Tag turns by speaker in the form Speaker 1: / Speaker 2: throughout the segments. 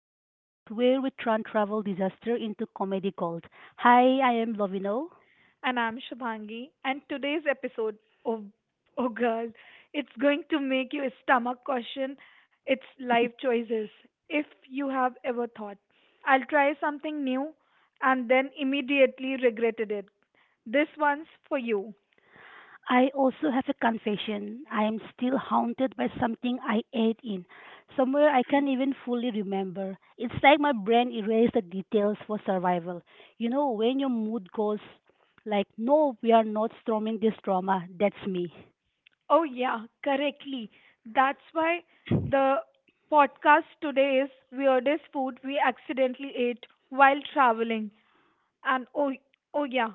Speaker 1: the podcast where we turn travel disaster into comedy gold. Hi, I am Lovino.
Speaker 2: And I'm Shubhangi. And today's episode, oh, oh girl, it's going to make your stomach question its life choices, if you have ever thought. I'll try something new and then immediately regretted it. This one's for you.
Speaker 1: I also have a confession. I am still haunted by something I ate in, somewhere I can't even fully remember. It's like my brain erased the details for survival. You know, when your mood goes like, no, we are not storming this drama, that's me.
Speaker 2: Oh, yeah, correctly. That's why the podcast today is Weirdest Food We Accidentally Ate While Traveling. And oh, oh yeah,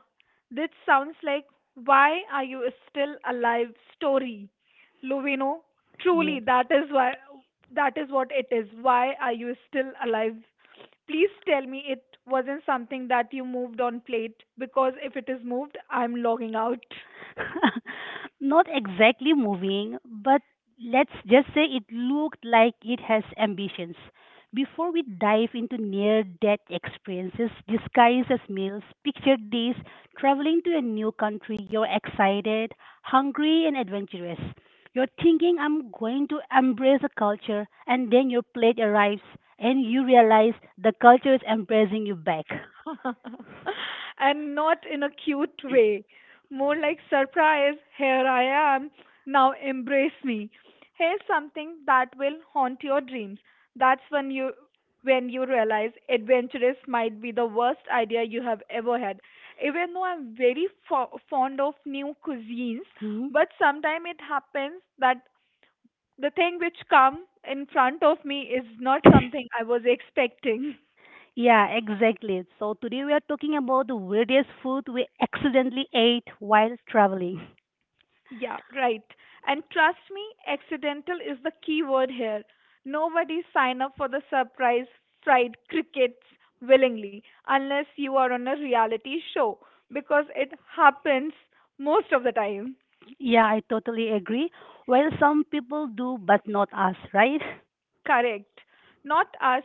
Speaker 2: this sounds like why are you still alive story, Lovino.
Speaker 1: Yeah.
Speaker 2: Truly, that is why that is what it is. Why are you still alive? Please tell me it wasn't something that you moved on plate because if it is moved, I'm logging out.
Speaker 1: Not exactly moving, but let's just say it looked like it has ambitions. Before we dive into near death experiences disguised as meals, picture this traveling to a new country. You're excited, hungry, and adventurous. You're thinking, I'm going to embrace the culture, and then your plate arrives and you realize the culture is embracing you back.
Speaker 2: And not in a cute way. More like surprise, here I am, now embrace me. Here's something that will haunt your dreams. That's when you realize adventurous might be the worst idea you have ever had. Even though I'm very fond of new cuisines,
Speaker 1: Hmm?
Speaker 2: but sometimes it happens that the thing which come in front of me is not something I was expecting.
Speaker 1: Yeah, exactly. So today we are talking about the weirdest food we accidentally ate while traveling.
Speaker 2: Yeah, right. And trust me, accidental is the key word here. Nobody sign up for the surprise fried crickets willingly unless you are on a reality show because it happens most of the time.
Speaker 1: Yeah, I totally agree. Well, some people do, but not us, right?
Speaker 2: Correct. Not us.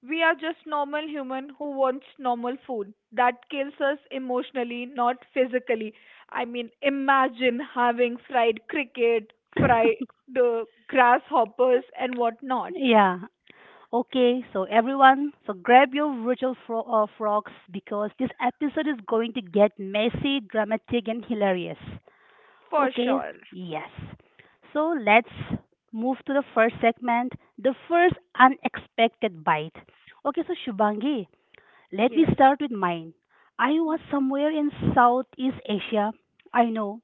Speaker 2: We are just normal human who wants normal food that kills us emotionally, not physically. I mean, imagine having fried cricket, fried grasshoppers, and whatnot.
Speaker 1: Yeah. Okay, so everyone, so grab your virtual frogs because this episode is going to get messy, dramatic, and hilarious.
Speaker 2: For
Speaker 1: Okay,
Speaker 2: sure.
Speaker 1: yes. So let's move to the first segment, the first unexpected bite. Okay, so Shubangi, let me
Speaker 2: Yes.
Speaker 1: start with mine. I was somewhere in Southeast Asia, I know,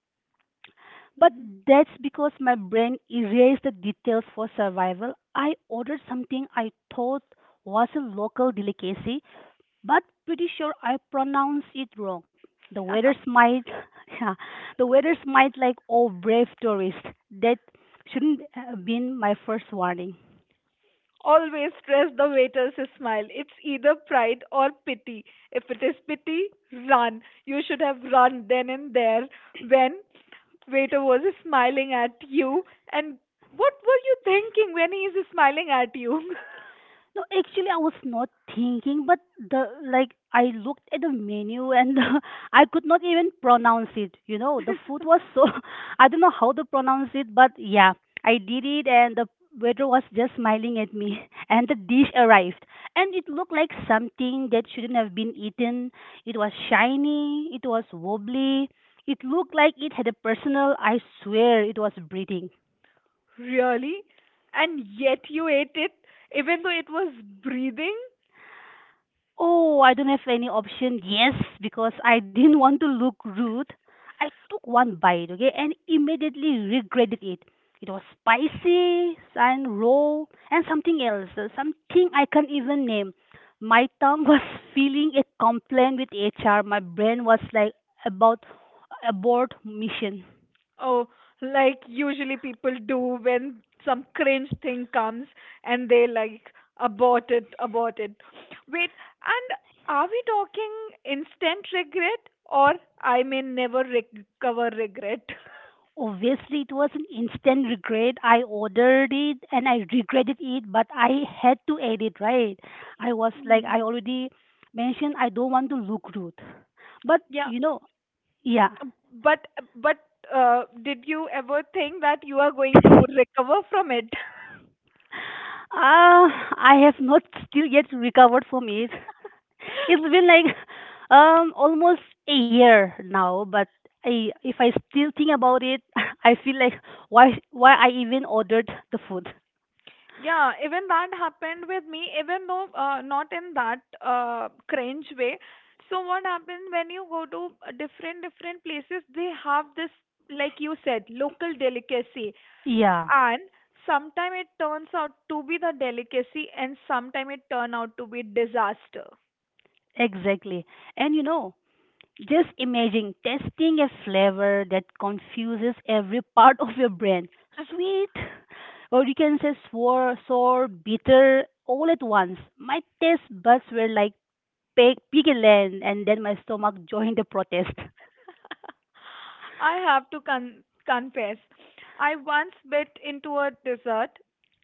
Speaker 1: but
Speaker 2: Mhm.
Speaker 1: that's because my brain erased the details for survival. I ordered something I thought was a local delicacy, but pretty sure I pronounced it wrong. The waiter smiled. Yeah, the waiter smiled like, oh, brave tourist. That shouldn't have been my first warning.
Speaker 2: Always press the waiters smile. It's either pride or pity. If it is pity, run. You should have run then and there when waiter was smiling at you. And what were you thinking when he is smiling at you?
Speaker 1: No, actually, I was not thinking, but the like I looked at the menu and I could not even pronounce it. You know, the food was so I don't know how to pronounce it, but yeah, I did it, and the waiter was just smiling at me. And the dish arrived, and it looked like something that shouldn't have been eaten. It was shiny, it was wobbly, it looked like it had a personal. I swear, it was breathing.
Speaker 2: Really? And yet you ate it even though it was breathing?
Speaker 1: Oh, I don't have any option. Yes, because I didn't want to look rude. I took one bite, okay, and immediately regretted it. It was spicy, and raw, and something else, something I can't even name. My tongue was feeling a complaint with HR. My brain was like about abort mission.
Speaker 2: Oh, like usually people do when some cringe thing comes and they like abort it, abort it. Wait, and are we talking instant regret or I may never recover regret?
Speaker 1: Obviously, it was an instant regret. I ordered it and I regretted it, but I had to eat it, right? I was like, I
Speaker 2: Hmm.
Speaker 1: already mentioned I don't want to look rude. But,
Speaker 2: Yeah,
Speaker 1: you know, yeah.
Speaker 2: but but did you ever think that you are going to recover from it?
Speaker 1: Uh, I have not still yet recovered from it. It's been like almost a year now, but I, if I still think about it, I feel like why I even ordered the food.
Speaker 2: Yeah, even that happened with me, even though not in that cringe way. So what happens when you go to different places? They have this, like you said, local delicacy,
Speaker 1: Yeah,
Speaker 2: and sometime it turns out to be the delicacy, and sometime it turn out to be disaster.
Speaker 1: exactly. And you know, just
Speaker 2: Hmm?
Speaker 1: imagine testing a flavor that confuses every part of your brain. Sweet, or you can say sour, sour, bitter, all at once. My taste buds were like pig land, and then my stomach joined the protest.
Speaker 2: I have to confess, I once bit into a dessert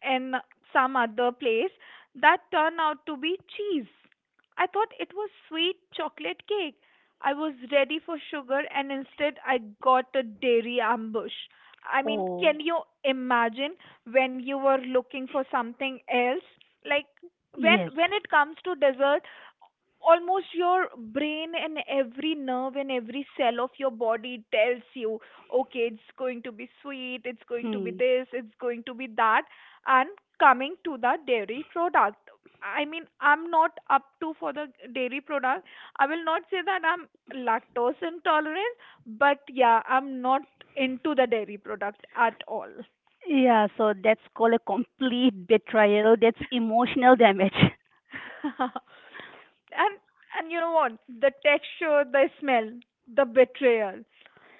Speaker 2: in some other place that turned out to be cheese. I thought it was sweet chocolate cake. I was ready for sugar and instead I got a dairy ambush. I mean,
Speaker 1: Oh,
Speaker 2: can you imagine when you were looking for something else? Like when
Speaker 1: yes.
Speaker 2: it comes to desserts, almost your brain and every nerve and every cell of your body tells you okay it's going to be sweet it's going to be
Speaker 1: Hmm.
Speaker 2: this it's going to be that and coming to the dairy product I mean I'm not up to for the dairy product I will not say that I'm lactose intolerant but yeah I'm not into the dairy product at all
Speaker 1: Yeah, so that's called a complete betrayal. That's emotional damage.
Speaker 2: and and you know what the texture the smell the betrayal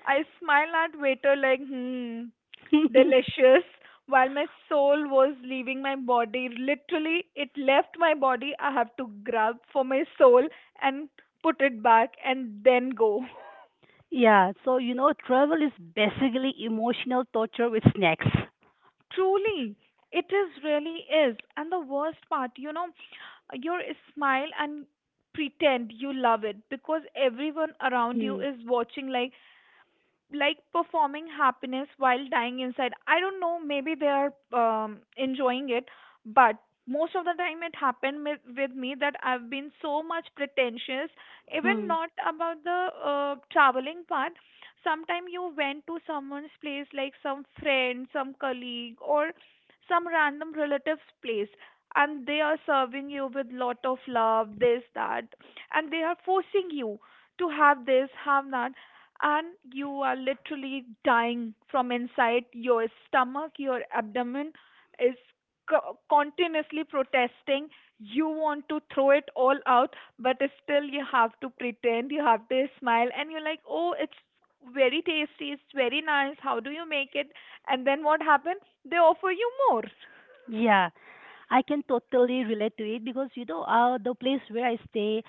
Speaker 2: I smiled at waiter like, hmm, delicious, while my soul was leaving my body. Literally, it left my body. I have to grab for my soul and put it back and then go.
Speaker 1: Yeah, so you know, travel is basically emotional torture with snacks.
Speaker 2: Truly, it is really is. And the worst part, you know, your smile and pretend you love it because everyone around you
Speaker 1: Hmm.
Speaker 2: is watching like performing happiness while dying inside. I don't know, maybe they are enjoying it, but most of the time it happened with me that I've been so much pretentious, even
Speaker 1: Hmm.
Speaker 2: not about the traveling part. Sometimes you went to someone's place, like some friend, some colleague, or some random relative's place, and they are serving you with lot of love, this, that, and they are forcing you to have this, have that and you are literally dying from inside. Your stomach, your abdomen is continuously protesting. You want to throw it all out, but still you have to pretend, you have to smile, and you're like, oh, it's very tasty, it's very nice. How do you make it? And then what happens? They offer you more.
Speaker 1: Yeah, I can totally relate to it because you know, the place where I stay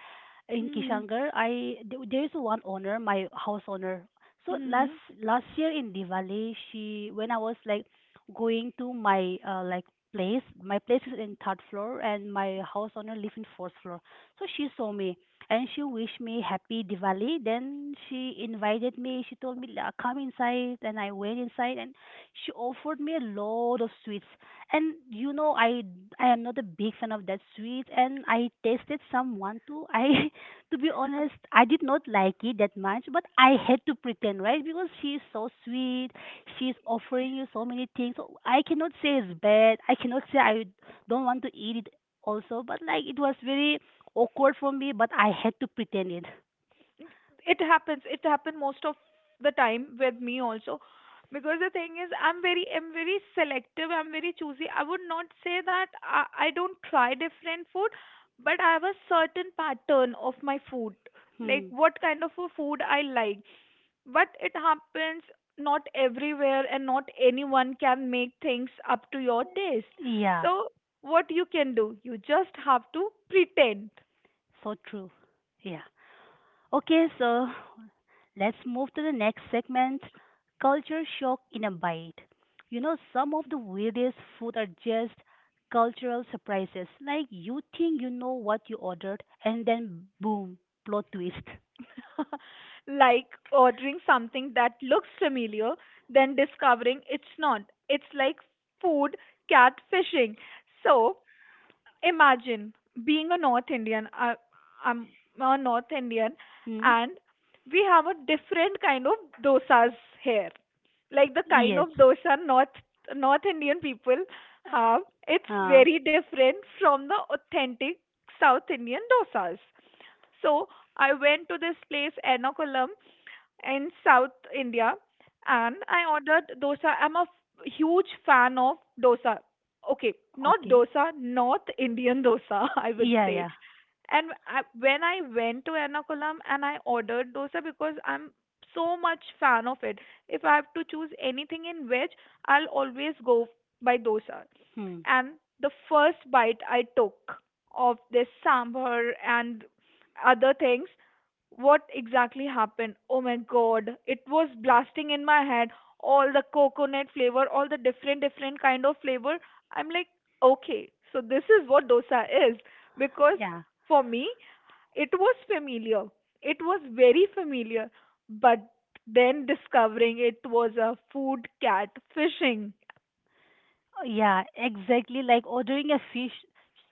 Speaker 1: in Kishangar, I there there is one owner, my house owner. So
Speaker 2: Mm-hmm.
Speaker 1: last year in Diwali, she when I was like going to my like place, my place is in third floor and my house owner lives in fourth floor. So she saw me and she wished me happy Diwali. Then she invited me. She told me, "La- come inside," and I went inside and she offered me a lot of sweets. And you know, I am not a big fan of that sweet, and I tasted someone too. I to be honest, I did not like it that much, but I had to pretend, right? Because she is so sweet, she's offering you so many things, so I cannot say it's bad. I cannot say I don't want to eat it also, but like it was very awkward for me, but I had to pretend it.
Speaker 2: It happens it happened most of the time with me also because the thing is I'm very selective I'm very choosy I would not say that I don't try different food but I have a certain pattern of my food like
Speaker 1: Hmm.
Speaker 2: what kind of a food I like but it happens not everywhere and not anyone can make things up to your taste
Speaker 1: Yeah,
Speaker 2: so what you can do you just have to pretend
Speaker 1: so true. Yeah. Okay, so let's move to the next segment, culture shock in a bite. You know, some of the weirdest food are just cultural surprises. Like you think you know what you ordered, and then boom, plot twist.
Speaker 2: like ordering something that looks familiar, then discovering it's not. It's like food catfishing. So imagine being a North Indian. I'm a North Indian,
Speaker 1: Hmm?
Speaker 2: and we have a different kind of dosas here. Like the kind
Speaker 1: Yes.
Speaker 2: of dosa North Indian people have, it's
Speaker 1: Uh, uh,
Speaker 2: very different from the authentic South Indian dosas. So I went to this place, Ernakulam, in South India, and I ordered dosa. I'm a huge fan of dosa. Okay, not
Speaker 1: okay.
Speaker 2: dosa, North Indian dosa, I would
Speaker 1: Yeah,
Speaker 2: say.
Speaker 1: yeah.
Speaker 2: And when I went to Ernakulam and I ordered dosa because I'm so much fan of it. If I have to choose anything in veg, I'll always go by dosa.
Speaker 1: Hmm.
Speaker 2: And the first bite I took of this sambar and other things what exactly happened oh my god it was blasting in my head all the coconut flavor all the different kind of flavor I'm like okay so this is what dosa is because
Speaker 1: Yeah.
Speaker 2: for me it was familiar it was very familiar but then discovering it was a food cat fishing
Speaker 1: Yeah, exactly like ordering a fish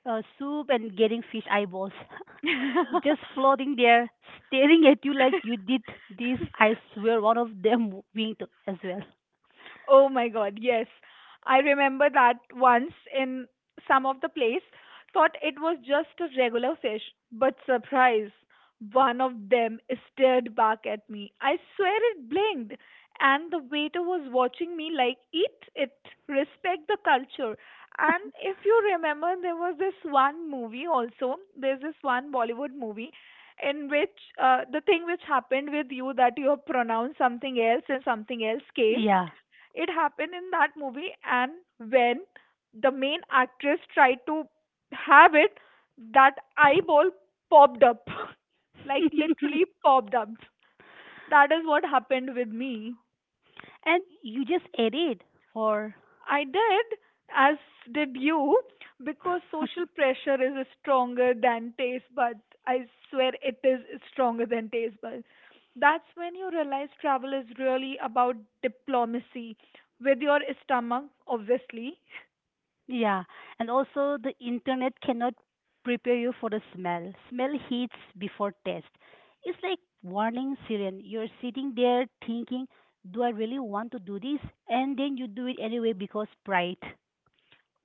Speaker 1: soup and getting fish eyeballs. Just floating there, staring at you like you did this. I swear, one of them winked as well.
Speaker 2: Oh my god, yes. I remember that once in some of the place, thought it was just a regular fish, but surprise, one of them stared back at me. I swear it blinked, and the waiter was watching me like, eat it, respect the culture. And if you remember, there was this one movie also, there's this one Bollywood movie in which the thing which happened with you that you have pronounced something else and something else came
Speaker 1: Yeah.
Speaker 2: it happened in that movie, and when the main actress tried to have it, that eyeball popped up. Like literally
Speaker 1: And
Speaker 2: popped up. That is what happened with me.
Speaker 1: you just ate it, or
Speaker 2: I did, as did you, because social pressure is stronger than taste buds. I swear it is stronger than taste buds. That's when you realize travel is really about diplomacy with your stomach, obviously,
Speaker 1: yeah. And also, the internet cannot prepare you for the smell. Smell hits before taste. It's like warning siren. You're sitting there thinking, do I really want to do this? And then you do it anyway because pride.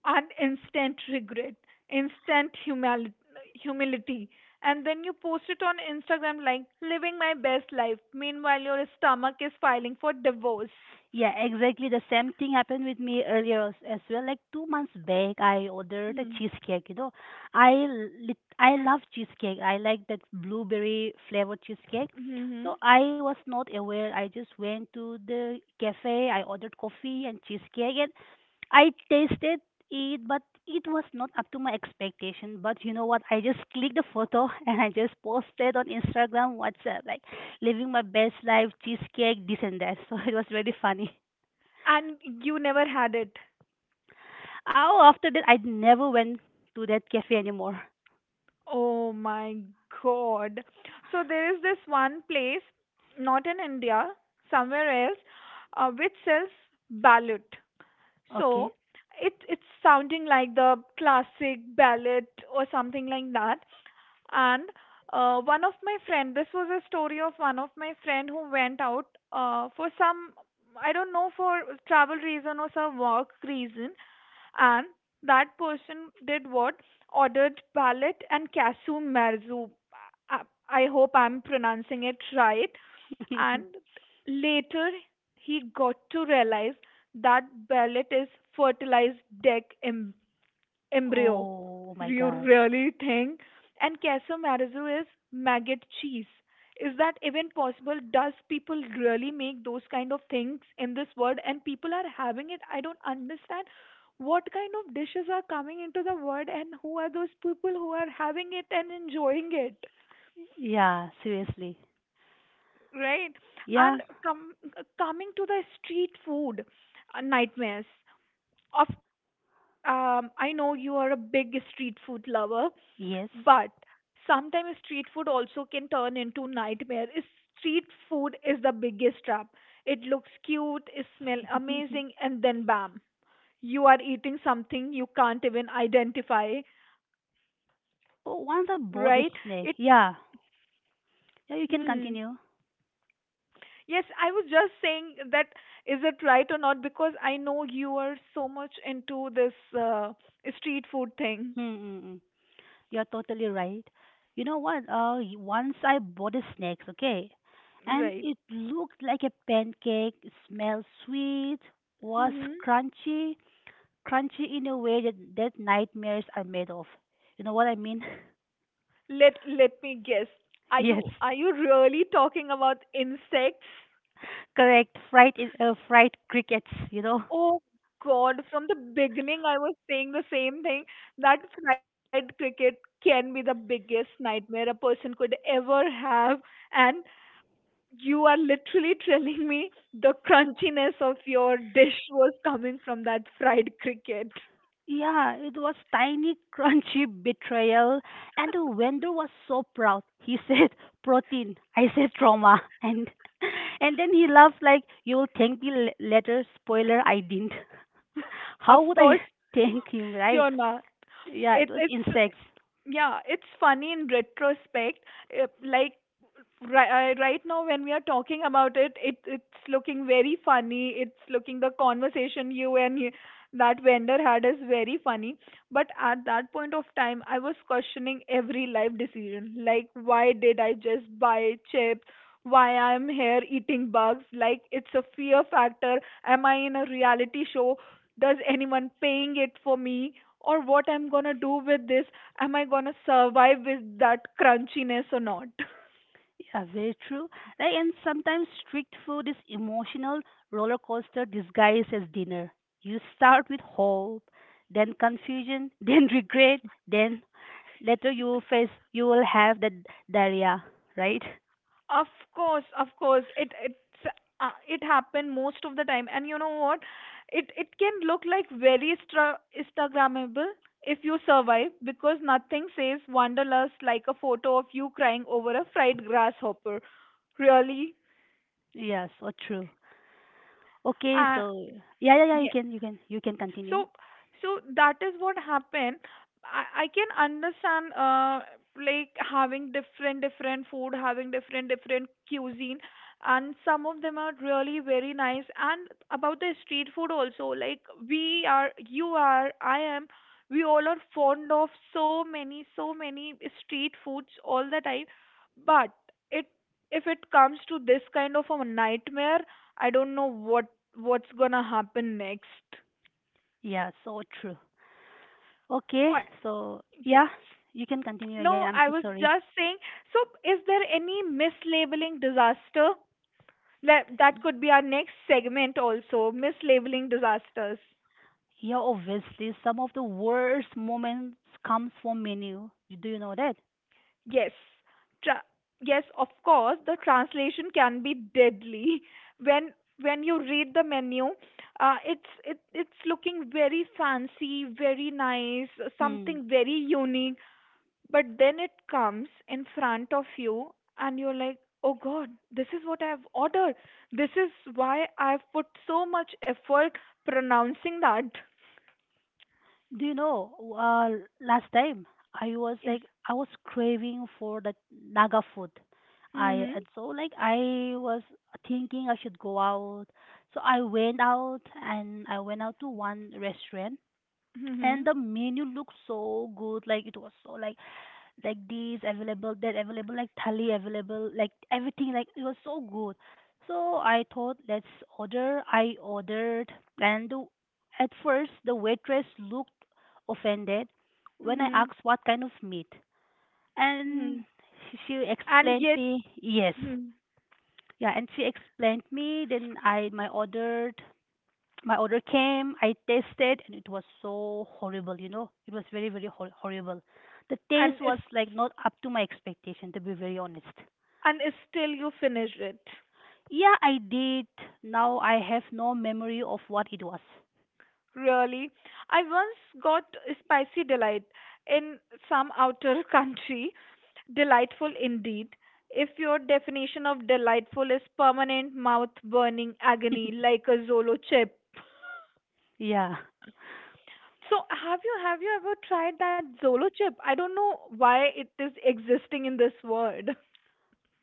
Speaker 2: and instant regret, instant humility. And then you post it on Instagram like living my best life. Meanwhile, your stomach is filing for divorce.
Speaker 1: Yeah, exactly. The same thing happened with me earlier as well. Like 2 months back, I ordered a cheesecake. You know, I I love cheesecake. I like that blueberry flavored cheesecake.
Speaker 2: Mm-hmm.
Speaker 1: So I was not aware. I just went to the cafe. I ordered coffee and cheesecake, and I tasted it, but it was not up to my expectation. But you know what? I just clicked the photo and I just posted on Instagram, WhatsApp, like living my best life, cheesecake, this and that. So it was really funny.
Speaker 2: And you never had it.
Speaker 1: Oh, after that, I never went to that cafe anymore.
Speaker 2: Oh my god. So there is this one place, not in India, somewhere else, which sells ballot. So
Speaker 1: Okay.
Speaker 2: it it's sounding like the classic ballot or something like that. And one of my friend this was a story of one of my friend who went out for some I don't know for travel reason or some work reason and that person did what ordered palette and cashew marzu i, I hope I'm pronouncing it right and later he got to realize that palette is fertilized deck embryo.
Speaker 1: Oh my
Speaker 2: You
Speaker 1: God.
Speaker 2: really think? And queso marzo is maggot cheese. Is that even possible? Does people really make those kind of things in this world? And people are having it. I don't understand what kind of dishes are coming into the world and who are those people who are having it and enjoying it,
Speaker 1: Yeah, seriously.
Speaker 2: right? And
Speaker 1: Yeah.
Speaker 2: com- coming to the street food nightmares. Of course, I know you are a big street food lover.
Speaker 1: Yes.
Speaker 2: But sometimes street food also can turn into nightmare. Street food is the biggest trap. It looks cute, it smells amazing, and then bam, you are eating something you can't even identify,
Speaker 1: Yes. So once I bought the
Speaker 2: right?
Speaker 1: snake,
Speaker 2: It.
Speaker 1: yeah. Yeah, you can
Speaker 2: Hmm.
Speaker 1: continue.
Speaker 2: Yes, I was just saying that is it right or not because I know you are so much into this uh, street food thing,
Speaker 1: Mm, mm. You're totally right. You know what? Once I bought the snakes, okay, and
Speaker 2: right?
Speaker 1: it looked like a pancake, smelled sweet, was
Speaker 2: Hmm.
Speaker 1: crunchy, crunchy in a way that nightmares are made of. You know what I mean?
Speaker 2: Let me guess.
Speaker 1: Yes,
Speaker 2: Are you really talking about insects?
Speaker 1: correct. Fried fried crickets. You know.
Speaker 2: Oh God, from the beginning I was saying the same thing. That fried cricket can be the biggest nightmare a person could ever have and you are literally telling me the crunchiness of your dish was coming from that fried cricket.
Speaker 1: Yeah, it was tiny, crunchy betrayal, and the vendor was so proud. He said protein, I said trauma, and and then he laughed like you'll thank me later. Spoiler, I didn't.
Speaker 2: Of
Speaker 1: How would I
Speaker 2: course,
Speaker 1: thank him, right?
Speaker 2: Yona.
Speaker 1: Yeah, it
Speaker 2: It
Speaker 1: was
Speaker 2: it's
Speaker 1: insects.
Speaker 2: yeah, it's funny in retrospect. uh, Like Right, right now when we are talking about it, it it's looking very funny. It's looking the conversation you, that vendor had is very funny. But at that point of time, I was questioning every life decision. Like, why did I just buy chips? Why I'm here eating bugs? Like, it's a fear factor. Am I in a reality show? Does anyone paying it for me? Or what I'm gonna do with this? Am I gonna survive with that crunchiness or not?
Speaker 1: Yeah, very true. Right, and sometimes strict food is emotional roller coaster disguised as dinner. You start with hope, then confusion, then regret, then later you will have the diarrhea, right?
Speaker 2: Of of course, it happened most of the time, and you know what? It can look like Instagrammable if you survive, because nothing says wanderlust like a photo of you crying over a fried grasshopper. Really?
Speaker 1: Yeah, so true. Okay,
Speaker 2: Uh,
Speaker 1: so yeah, yeah, yeah,
Speaker 2: yeah.
Speaker 1: you can continue.
Speaker 2: So, so that is what happened. I can understand, like having different, different food, having different, different cuisine, and some of them are really very nice. And about the street food also, like we are, you are, I am, we all are fond of so many, so many street foods all the time. But it, if it comes to this kind of a nightmare, I don't know what's gonna happen next.
Speaker 1: Yeah, so true. Okay,
Speaker 2: Or-
Speaker 1: so
Speaker 2: Yes.
Speaker 1: yeah, you can continue
Speaker 2: No,
Speaker 1: again.
Speaker 2: I
Speaker 1: I'm so
Speaker 2: was
Speaker 1: sorry.
Speaker 2: just saying. So, is there any mislabeling disaster? Let, that could be our next segment also, mislabeling disasters.
Speaker 1: Yeah, obviously, some of the worst moments comes from menu. Do you know that?
Speaker 2: Yes. Tra- yes, of course, the translation can be deadly. When when you read the menu, it's looking very fancy, very nice,
Speaker 1: Hmm.
Speaker 2: something very unique. But then it comes in front of you and you're like, oh God, this is what I've ordered. This is why I've put so much effort pronouncing that.
Speaker 1: Do you know? Last time I was
Speaker 2: Yes.
Speaker 1: like I was craving for the Naga food. I
Speaker 2: Mm-hmm.
Speaker 1: And so like I was thinking I should go out. So I went out and I went out to one restaurant
Speaker 2: Mm-hmm.
Speaker 1: and the menu looked so good. Like it was so like this available, that available, like thali available, like everything. Like it was so good. So I thought, let's order. I ordered, and at first the waitress looked offended when I
Speaker 2: Mm-hmm.
Speaker 1: asked what kind of meat,
Speaker 2: Mm-hmm.
Speaker 1: and she
Speaker 2: And
Speaker 1: explained
Speaker 2: yet,
Speaker 1: me yes.
Speaker 2: hmm,
Speaker 1: Yeah, and she explained me. Then I my ordered my order came. I tasted and it was so horrible. You know it was very, very horrible. The
Speaker 2: and is,
Speaker 1: taste was like not up to my expectation, to be very honest.
Speaker 2: and is still you finished it.
Speaker 1: Yeah I did. Now I have no memory of what it was.
Speaker 2: Really. I once got spicy delight in some outer country. Delightful indeed. If your definition of delightful is permanent mouth burning agony like a Zolo chip.
Speaker 1: Yeah
Speaker 2: So have you ever tried that Zolo chip? I don't know why it is existing in this world.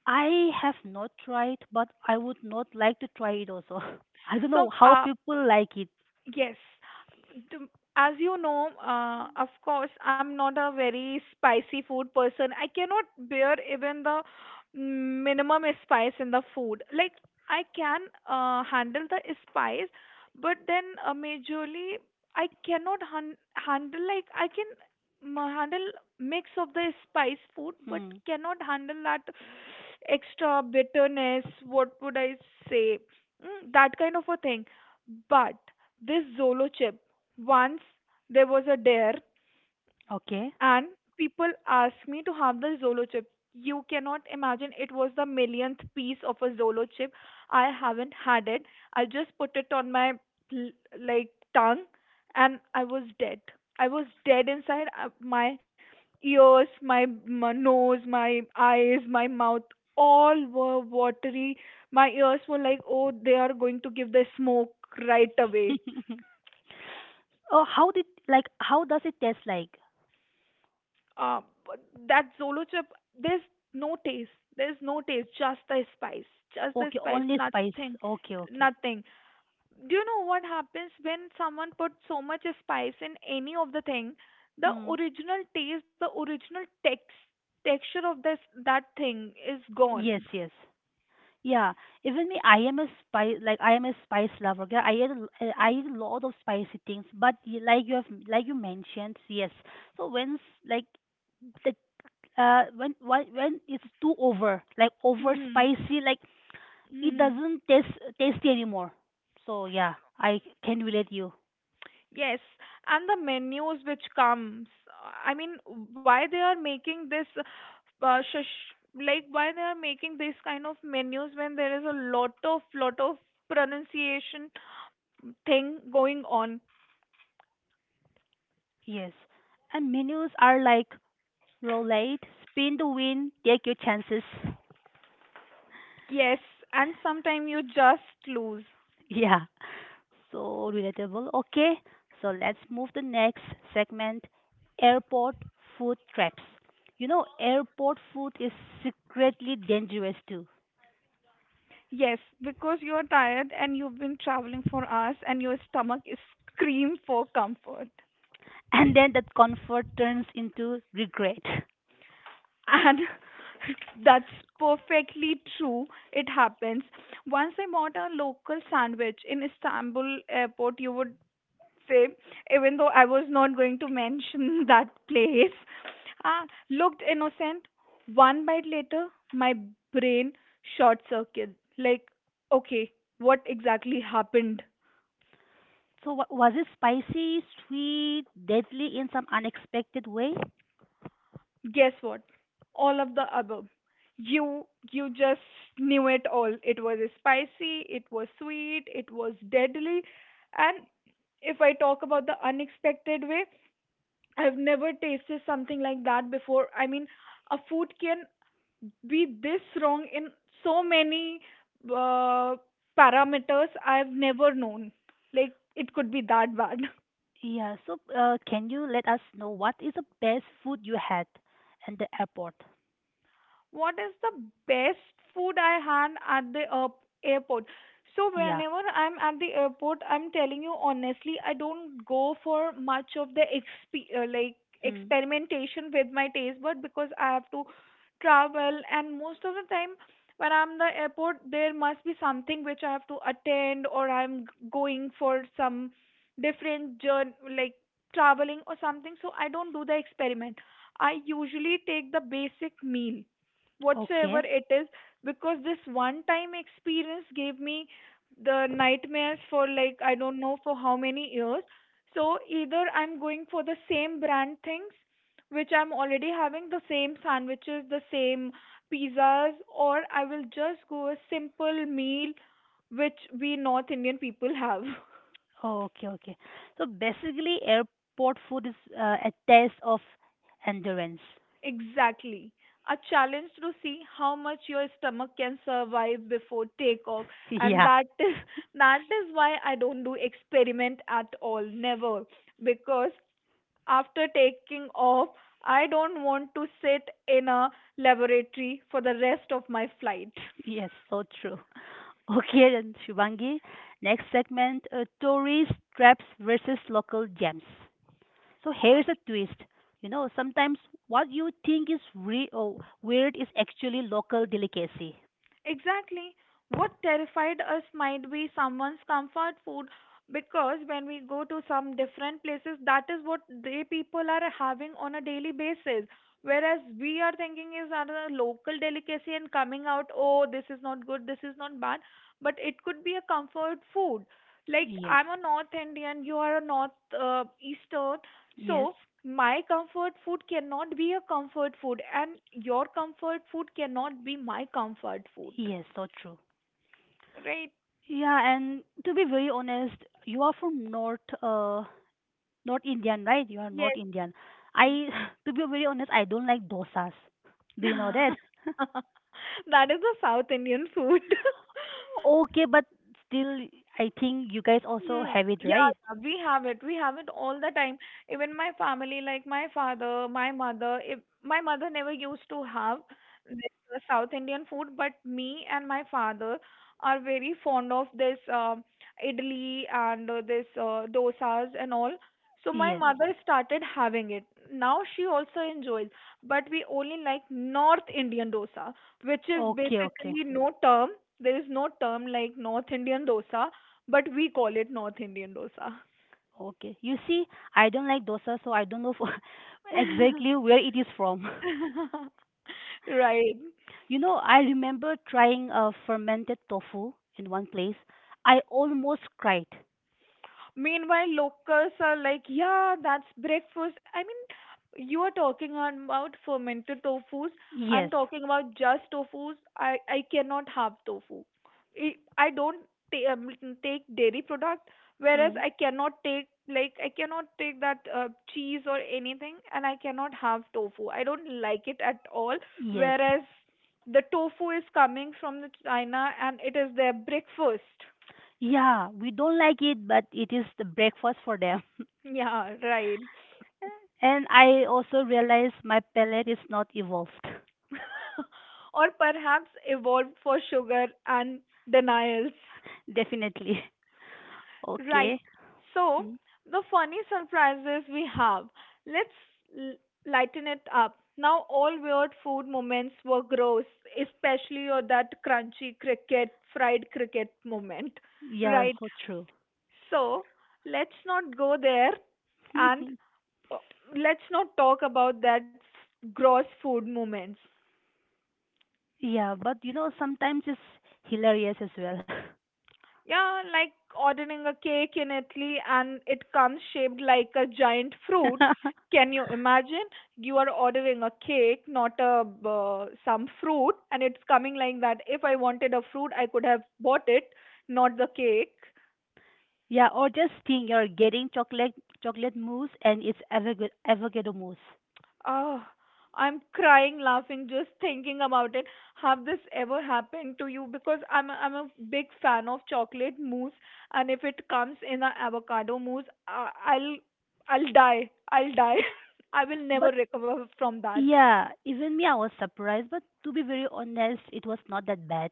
Speaker 1: I have not tried but I would not like to try it also. I don't
Speaker 2: So
Speaker 1: know how
Speaker 2: uh
Speaker 1: people like it.
Speaker 2: yes. the- as you know, of course, I'm not a very spicy food person. I cannot bear even the minimum spice in the food. Like I can handle the spice, but then majorly I cannot han- handle, like I can handle mix of the spice food, but
Speaker 1: Hmm.
Speaker 2: cannot handle that extra bitterness. What would I say? That kind of a thing. But this Zolo chip. Once there was a dare, and
Speaker 1: Okay.
Speaker 2: people asked me to have the Zolo chip. You cannot imagine it was the millionth piece of a Zolo chip. I haven't had it. I just put it on my l- like tongue, and I was dead. I was dead inside. My ears, my nose, my eyes, my mouth, all were watery. My ears were like, oh, they are going to give the smoke right away.
Speaker 1: oh how did like how does it taste like?
Speaker 2: Uh, but that Zolo chip, there's no taste. There's no taste, just the spice. Just the
Speaker 1: Okay,
Speaker 2: spice,
Speaker 1: only spice.
Speaker 2: nothing,
Speaker 1: Okay, okay.
Speaker 2: nothing. Do you know what happens when someone puts so much spice in any of the thing? The
Speaker 1: Hmm.
Speaker 2: original taste, the original texture of this that thing is gone.
Speaker 1: Yes, yes. Yeah, even me, I am a spice like I am a spice lover girl. I eat a lot of spicy things, but like you mentioned, yes. So when s- like the when why- when it's too over like over
Speaker 2: Hmm.
Speaker 1: spicy, like it doesn't taste tasty anymore. So yeah, I can relate you.
Speaker 2: Yes, and the menus which comes. I mean, why they are making this, uh, shush, like why they are making this kind of menus when there is a lot of pronunciation thing going on.
Speaker 1: Yes, and menus are like roulette, spin the wheel, take your chances.
Speaker 2: Yes, and sometimes you just lose.
Speaker 1: Yeah. So relatable. Okay, so let's move to next segment, airport food traps. You know, airport food is secretly dangerous too.
Speaker 2: Yes, because you are tired and you've been traveling for hours and your stomach is scream for comfort.
Speaker 1: And then that comfort turns into regret.
Speaker 2: And that's perfectly true. It happens. Once I bought a local sandwich in Istanbul airport, you would say, even though I was not going to mention that place, ah, looked innocent. One bite later, my brain short circuit. Like, okay, what exactly happened?
Speaker 1: So was it spicy, sweet, deadly in some unexpected way?
Speaker 2: Guess what? All of the above. You just knew it all. It was spicy, it was sweet, it was deadly. And if I talk about the unexpected way, I've never tasted something like that before. I mean, a food can be this wrong in so many uh, parameters I've never known. Like it could be that bad.
Speaker 1: Yeah, so can you let us know what is the best food you had at the airport?
Speaker 2: What is the best food I had at the airport. So
Speaker 1: Yeah.
Speaker 2: whenever I'm at the airport, I'm telling you honestly, I don't go for much of the like
Speaker 1: Hmm.
Speaker 2: experimentation with my taste bud, because I have to travel and most of the time when I'm the airport, there must be something which I have to attend, or going for some different journey like traveling or something. So I don't do the experiment. I usually take the basic meal whatsoever
Speaker 1: Okay.
Speaker 2: it is, because this one time experience gave me the nightmares for like I don't know for how many years. So either I'm going for the same brand things which I'm already having, the same sandwiches, the same pizzas, or I will just go a simple meal which we North Indian people have.
Speaker 1: Oh, okay, okay. So basically, airport food is a test of endurance.
Speaker 2: Exactly. A challenge to see how much your stomach can survive before takeoff. And
Speaker 1: Yeah,
Speaker 2: that is that is why I don't do experiment at all. Never. Because after taking off, I don't want to sit in a laboratory for the rest of my flight.
Speaker 1: yes, so true. Okay, then Shivangi, next segment, tourist traps versus local gems. So here's a twist. You know, sometimes what you think is re- or weird is actually local delicacy.
Speaker 2: Exactly. What terrified us might be someone's comfort food, because when we go to some different places, that is what they people are having on a daily basis. Whereas we are thinking is another local delicacy and coming out, oh, this is not good, this is not bad, but it could be a comfort food. Like
Speaker 1: Yes,
Speaker 2: I'm a North Indian, you are a North Easter,
Speaker 1: yes,
Speaker 2: so, my comfort food cannot be a comfort food, and your comfort food cannot be my comfort food,
Speaker 1: yes, so true.
Speaker 2: right?
Speaker 1: Yeah, and to be very honest, you are from North, not Indian, right? You are
Speaker 2: Yes.
Speaker 1: not Indian. I, to be very honest, I don't like dosas. Do you know that?
Speaker 2: That is the South Indian food.
Speaker 1: Okay, but still, I think you guys also
Speaker 2: Hmm.
Speaker 1: have it,
Speaker 2: Yeah,
Speaker 1: right?
Speaker 2: yeah, we have it. We have it all the time. Even my family, like my father, my mother, if my mother never used to have this South Indian food, but me and my father are very fond of this idli and this dosas and all. So my Mhm.
Speaker 1: Yes.
Speaker 2: mother started having it. Now she also enjoys, but we only like North Indian dosa, which is
Speaker 1: Okay, okay,
Speaker 2: basically no term. There is no term like North Indian dosa, but we call it North Indian dosa.
Speaker 1: okay. You see, I don't like dosa, so I don't know for, exactly where it is from.
Speaker 2: Right.
Speaker 1: You know, I remember trying a fermented tofu in one place. I almost cried.
Speaker 2: Meanwhile, locals are like, yeah, that's breakfast. I mean, you are talking about fermented tofus. I'm
Speaker 1: Yes.
Speaker 2: talking about just tofus. I cannot have tofu. I don't ta- um, take dairy product, whereas
Speaker 1: Mm.
Speaker 2: I cannot take, like I cannot take that cheese or anything, and I cannot have tofu. I don't like it at all.
Speaker 1: Yes.
Speaker 2: Whereas the tofu is coming from the China, and it is their breakfast.
Speaker 1: Yeah, we don't like it, but it is the breakfast for them.
Speaker 2: Yeah, right.
Speaker 1: And I also realize my palate is not evolved.
Speaker 2: Or perhaps evolved for sugar and denials.
Speaker 1: Definitely.
Speaker 2: Right.
Speaker 1: Okay.
Speaker 2: So,
Speaker 1: Mm.
Speaker 2: the funny surprises we have. Let's l- lighten it up. Now, all weird food moments were gross, especially or that crunchy cricket, fried cricket moment.
Speaker 1: Yeah,
Speaker 2: Right.
Speaker 1: so true.
Speaker 2: So, let's not go there and uh, let's not talk about that gross food moments.
Speaker 1: Yeah, but you know, sometimes it's hilarious as well.
Speaker 2: Yeah, like ordering a cake in Italy and it comes shaped like a giant fruit. Can you imagine? You are ordering a cake, not a some fruit, and it's coming like that. If I wanted a fruit, I could have bought it, not the cake.
Speaker 1: Yeah, or just think you're getting chocolate mousse and it's avocado mousse.
Speaker 2: Oh, I'm crying laughing just thinking about it. Have this ever happened to you? Because I'm a big fan of chocolate mousse, and if it comes in a avocado mousse, I'll I'll die. I will never
Speaker 1: But
Speaker 2: recover from that.
Speaker 1: yeah, even me, I was surprised. But to be very honest, it was not that bad.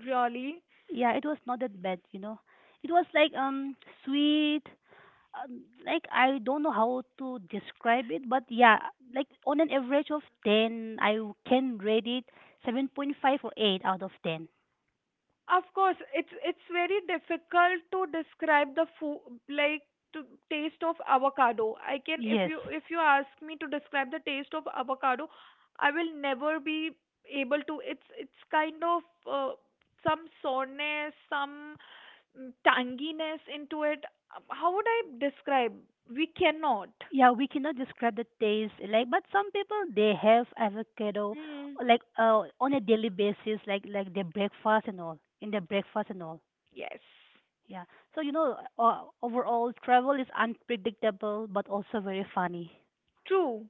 Speaker 2: Really?
Speaker 1: Yeah, it was not that bad, you know. It was like sweet, like I don't know how to describe it, but yeah, like on an average of 10, I can rate it 7.5 or 8 out of 10.
Speaker 2: Of course, it's very difficult to describe the food, like to taste of avocado. I can, if
Speaker 1: Yes.
Speaker 2: you ask me to describe the taste of avocado, I will never be able to. It's kind of some soreness, some tanginess into it. How would I describe? We cannot.
Speaker 1: Yeah, we cannot describe the taste like but some people they have avocado
Speaker 2: Mm.
Speaker 1: like on a daily basis like their breakfast and all in their breakfast and all.
Speaker 2: Yes.
Speaker 1: Yeah. So you know overall travel is unpredictable but also very funny.
Speaker 2: True.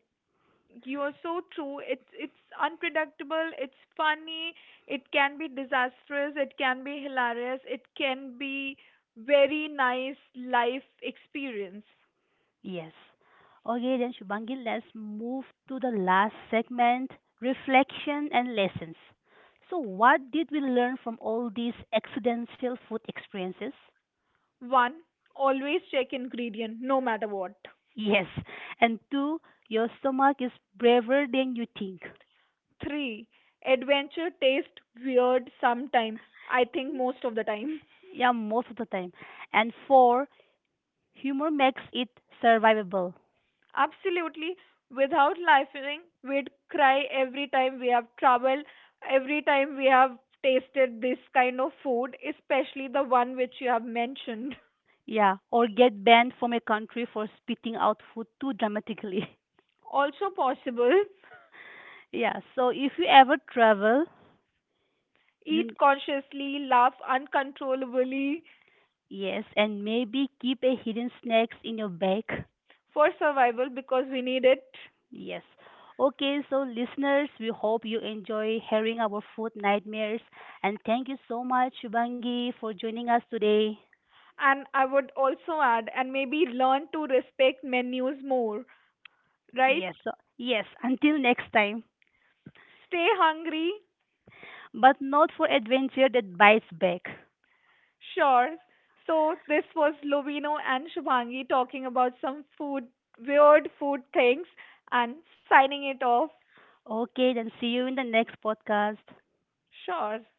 Speaker 2: You're so true. It it's unpredictable, it's funny, it can be disastrous, it can be hilarious, it can be very nice life experience.
Speaker 1: Yes. Okay, then Shubhangi, let's move to the last segment, reflection and lessons. So, what did we learn from all these accidental food experiences?
Speaker 2: 1. Always check ingredient no matter what.
Speaker 1: Yes. And two, your stomach is braver than you think.
Speaker 2: 3. Adventure taste weird sometime. I think most of the time.
Speaker 1: Yeah, most of the time. And four, humor makes it survivable.
Speaker 2: Absolutely. Without laughing, we'd cry every time we have traveled. Every time we have tasted this kind of food, especially the one which you have mentioned.
Speaker 1: Yeah, or get banned from a country for spitting out food too dramatically.
Speaker 2: Also possible,
Speaker 1: Yeah, so if you ever travel,
Speaker 2: eat
Speaker 1: you
Speaker 2: consciously, laugh uncontrollably
Speaker 1: yes, and maybe keep a hidden snacks in your bag.
Speaker 2: for survival, because we need it.
Speaker 1: Yes. Okay, so listeners, we hope you enjoy hearing our food nightmares and thank you so much Shubangi for joining us today.
Speaker 2: And I would also add, and maybe learn to respect menus more, right?
Speaker 1: Yes. Yes, until next time.
Speaker 2: Stay hungry,
Speaker 1: But not for adventure that bites back.
Speaker 2: sure. So this was Lovino and Shubhangi talking about some food, weird food things, and signing it off.
Speaker 1: Okay, then see you in the next podcast.
Speaker 2: Sure.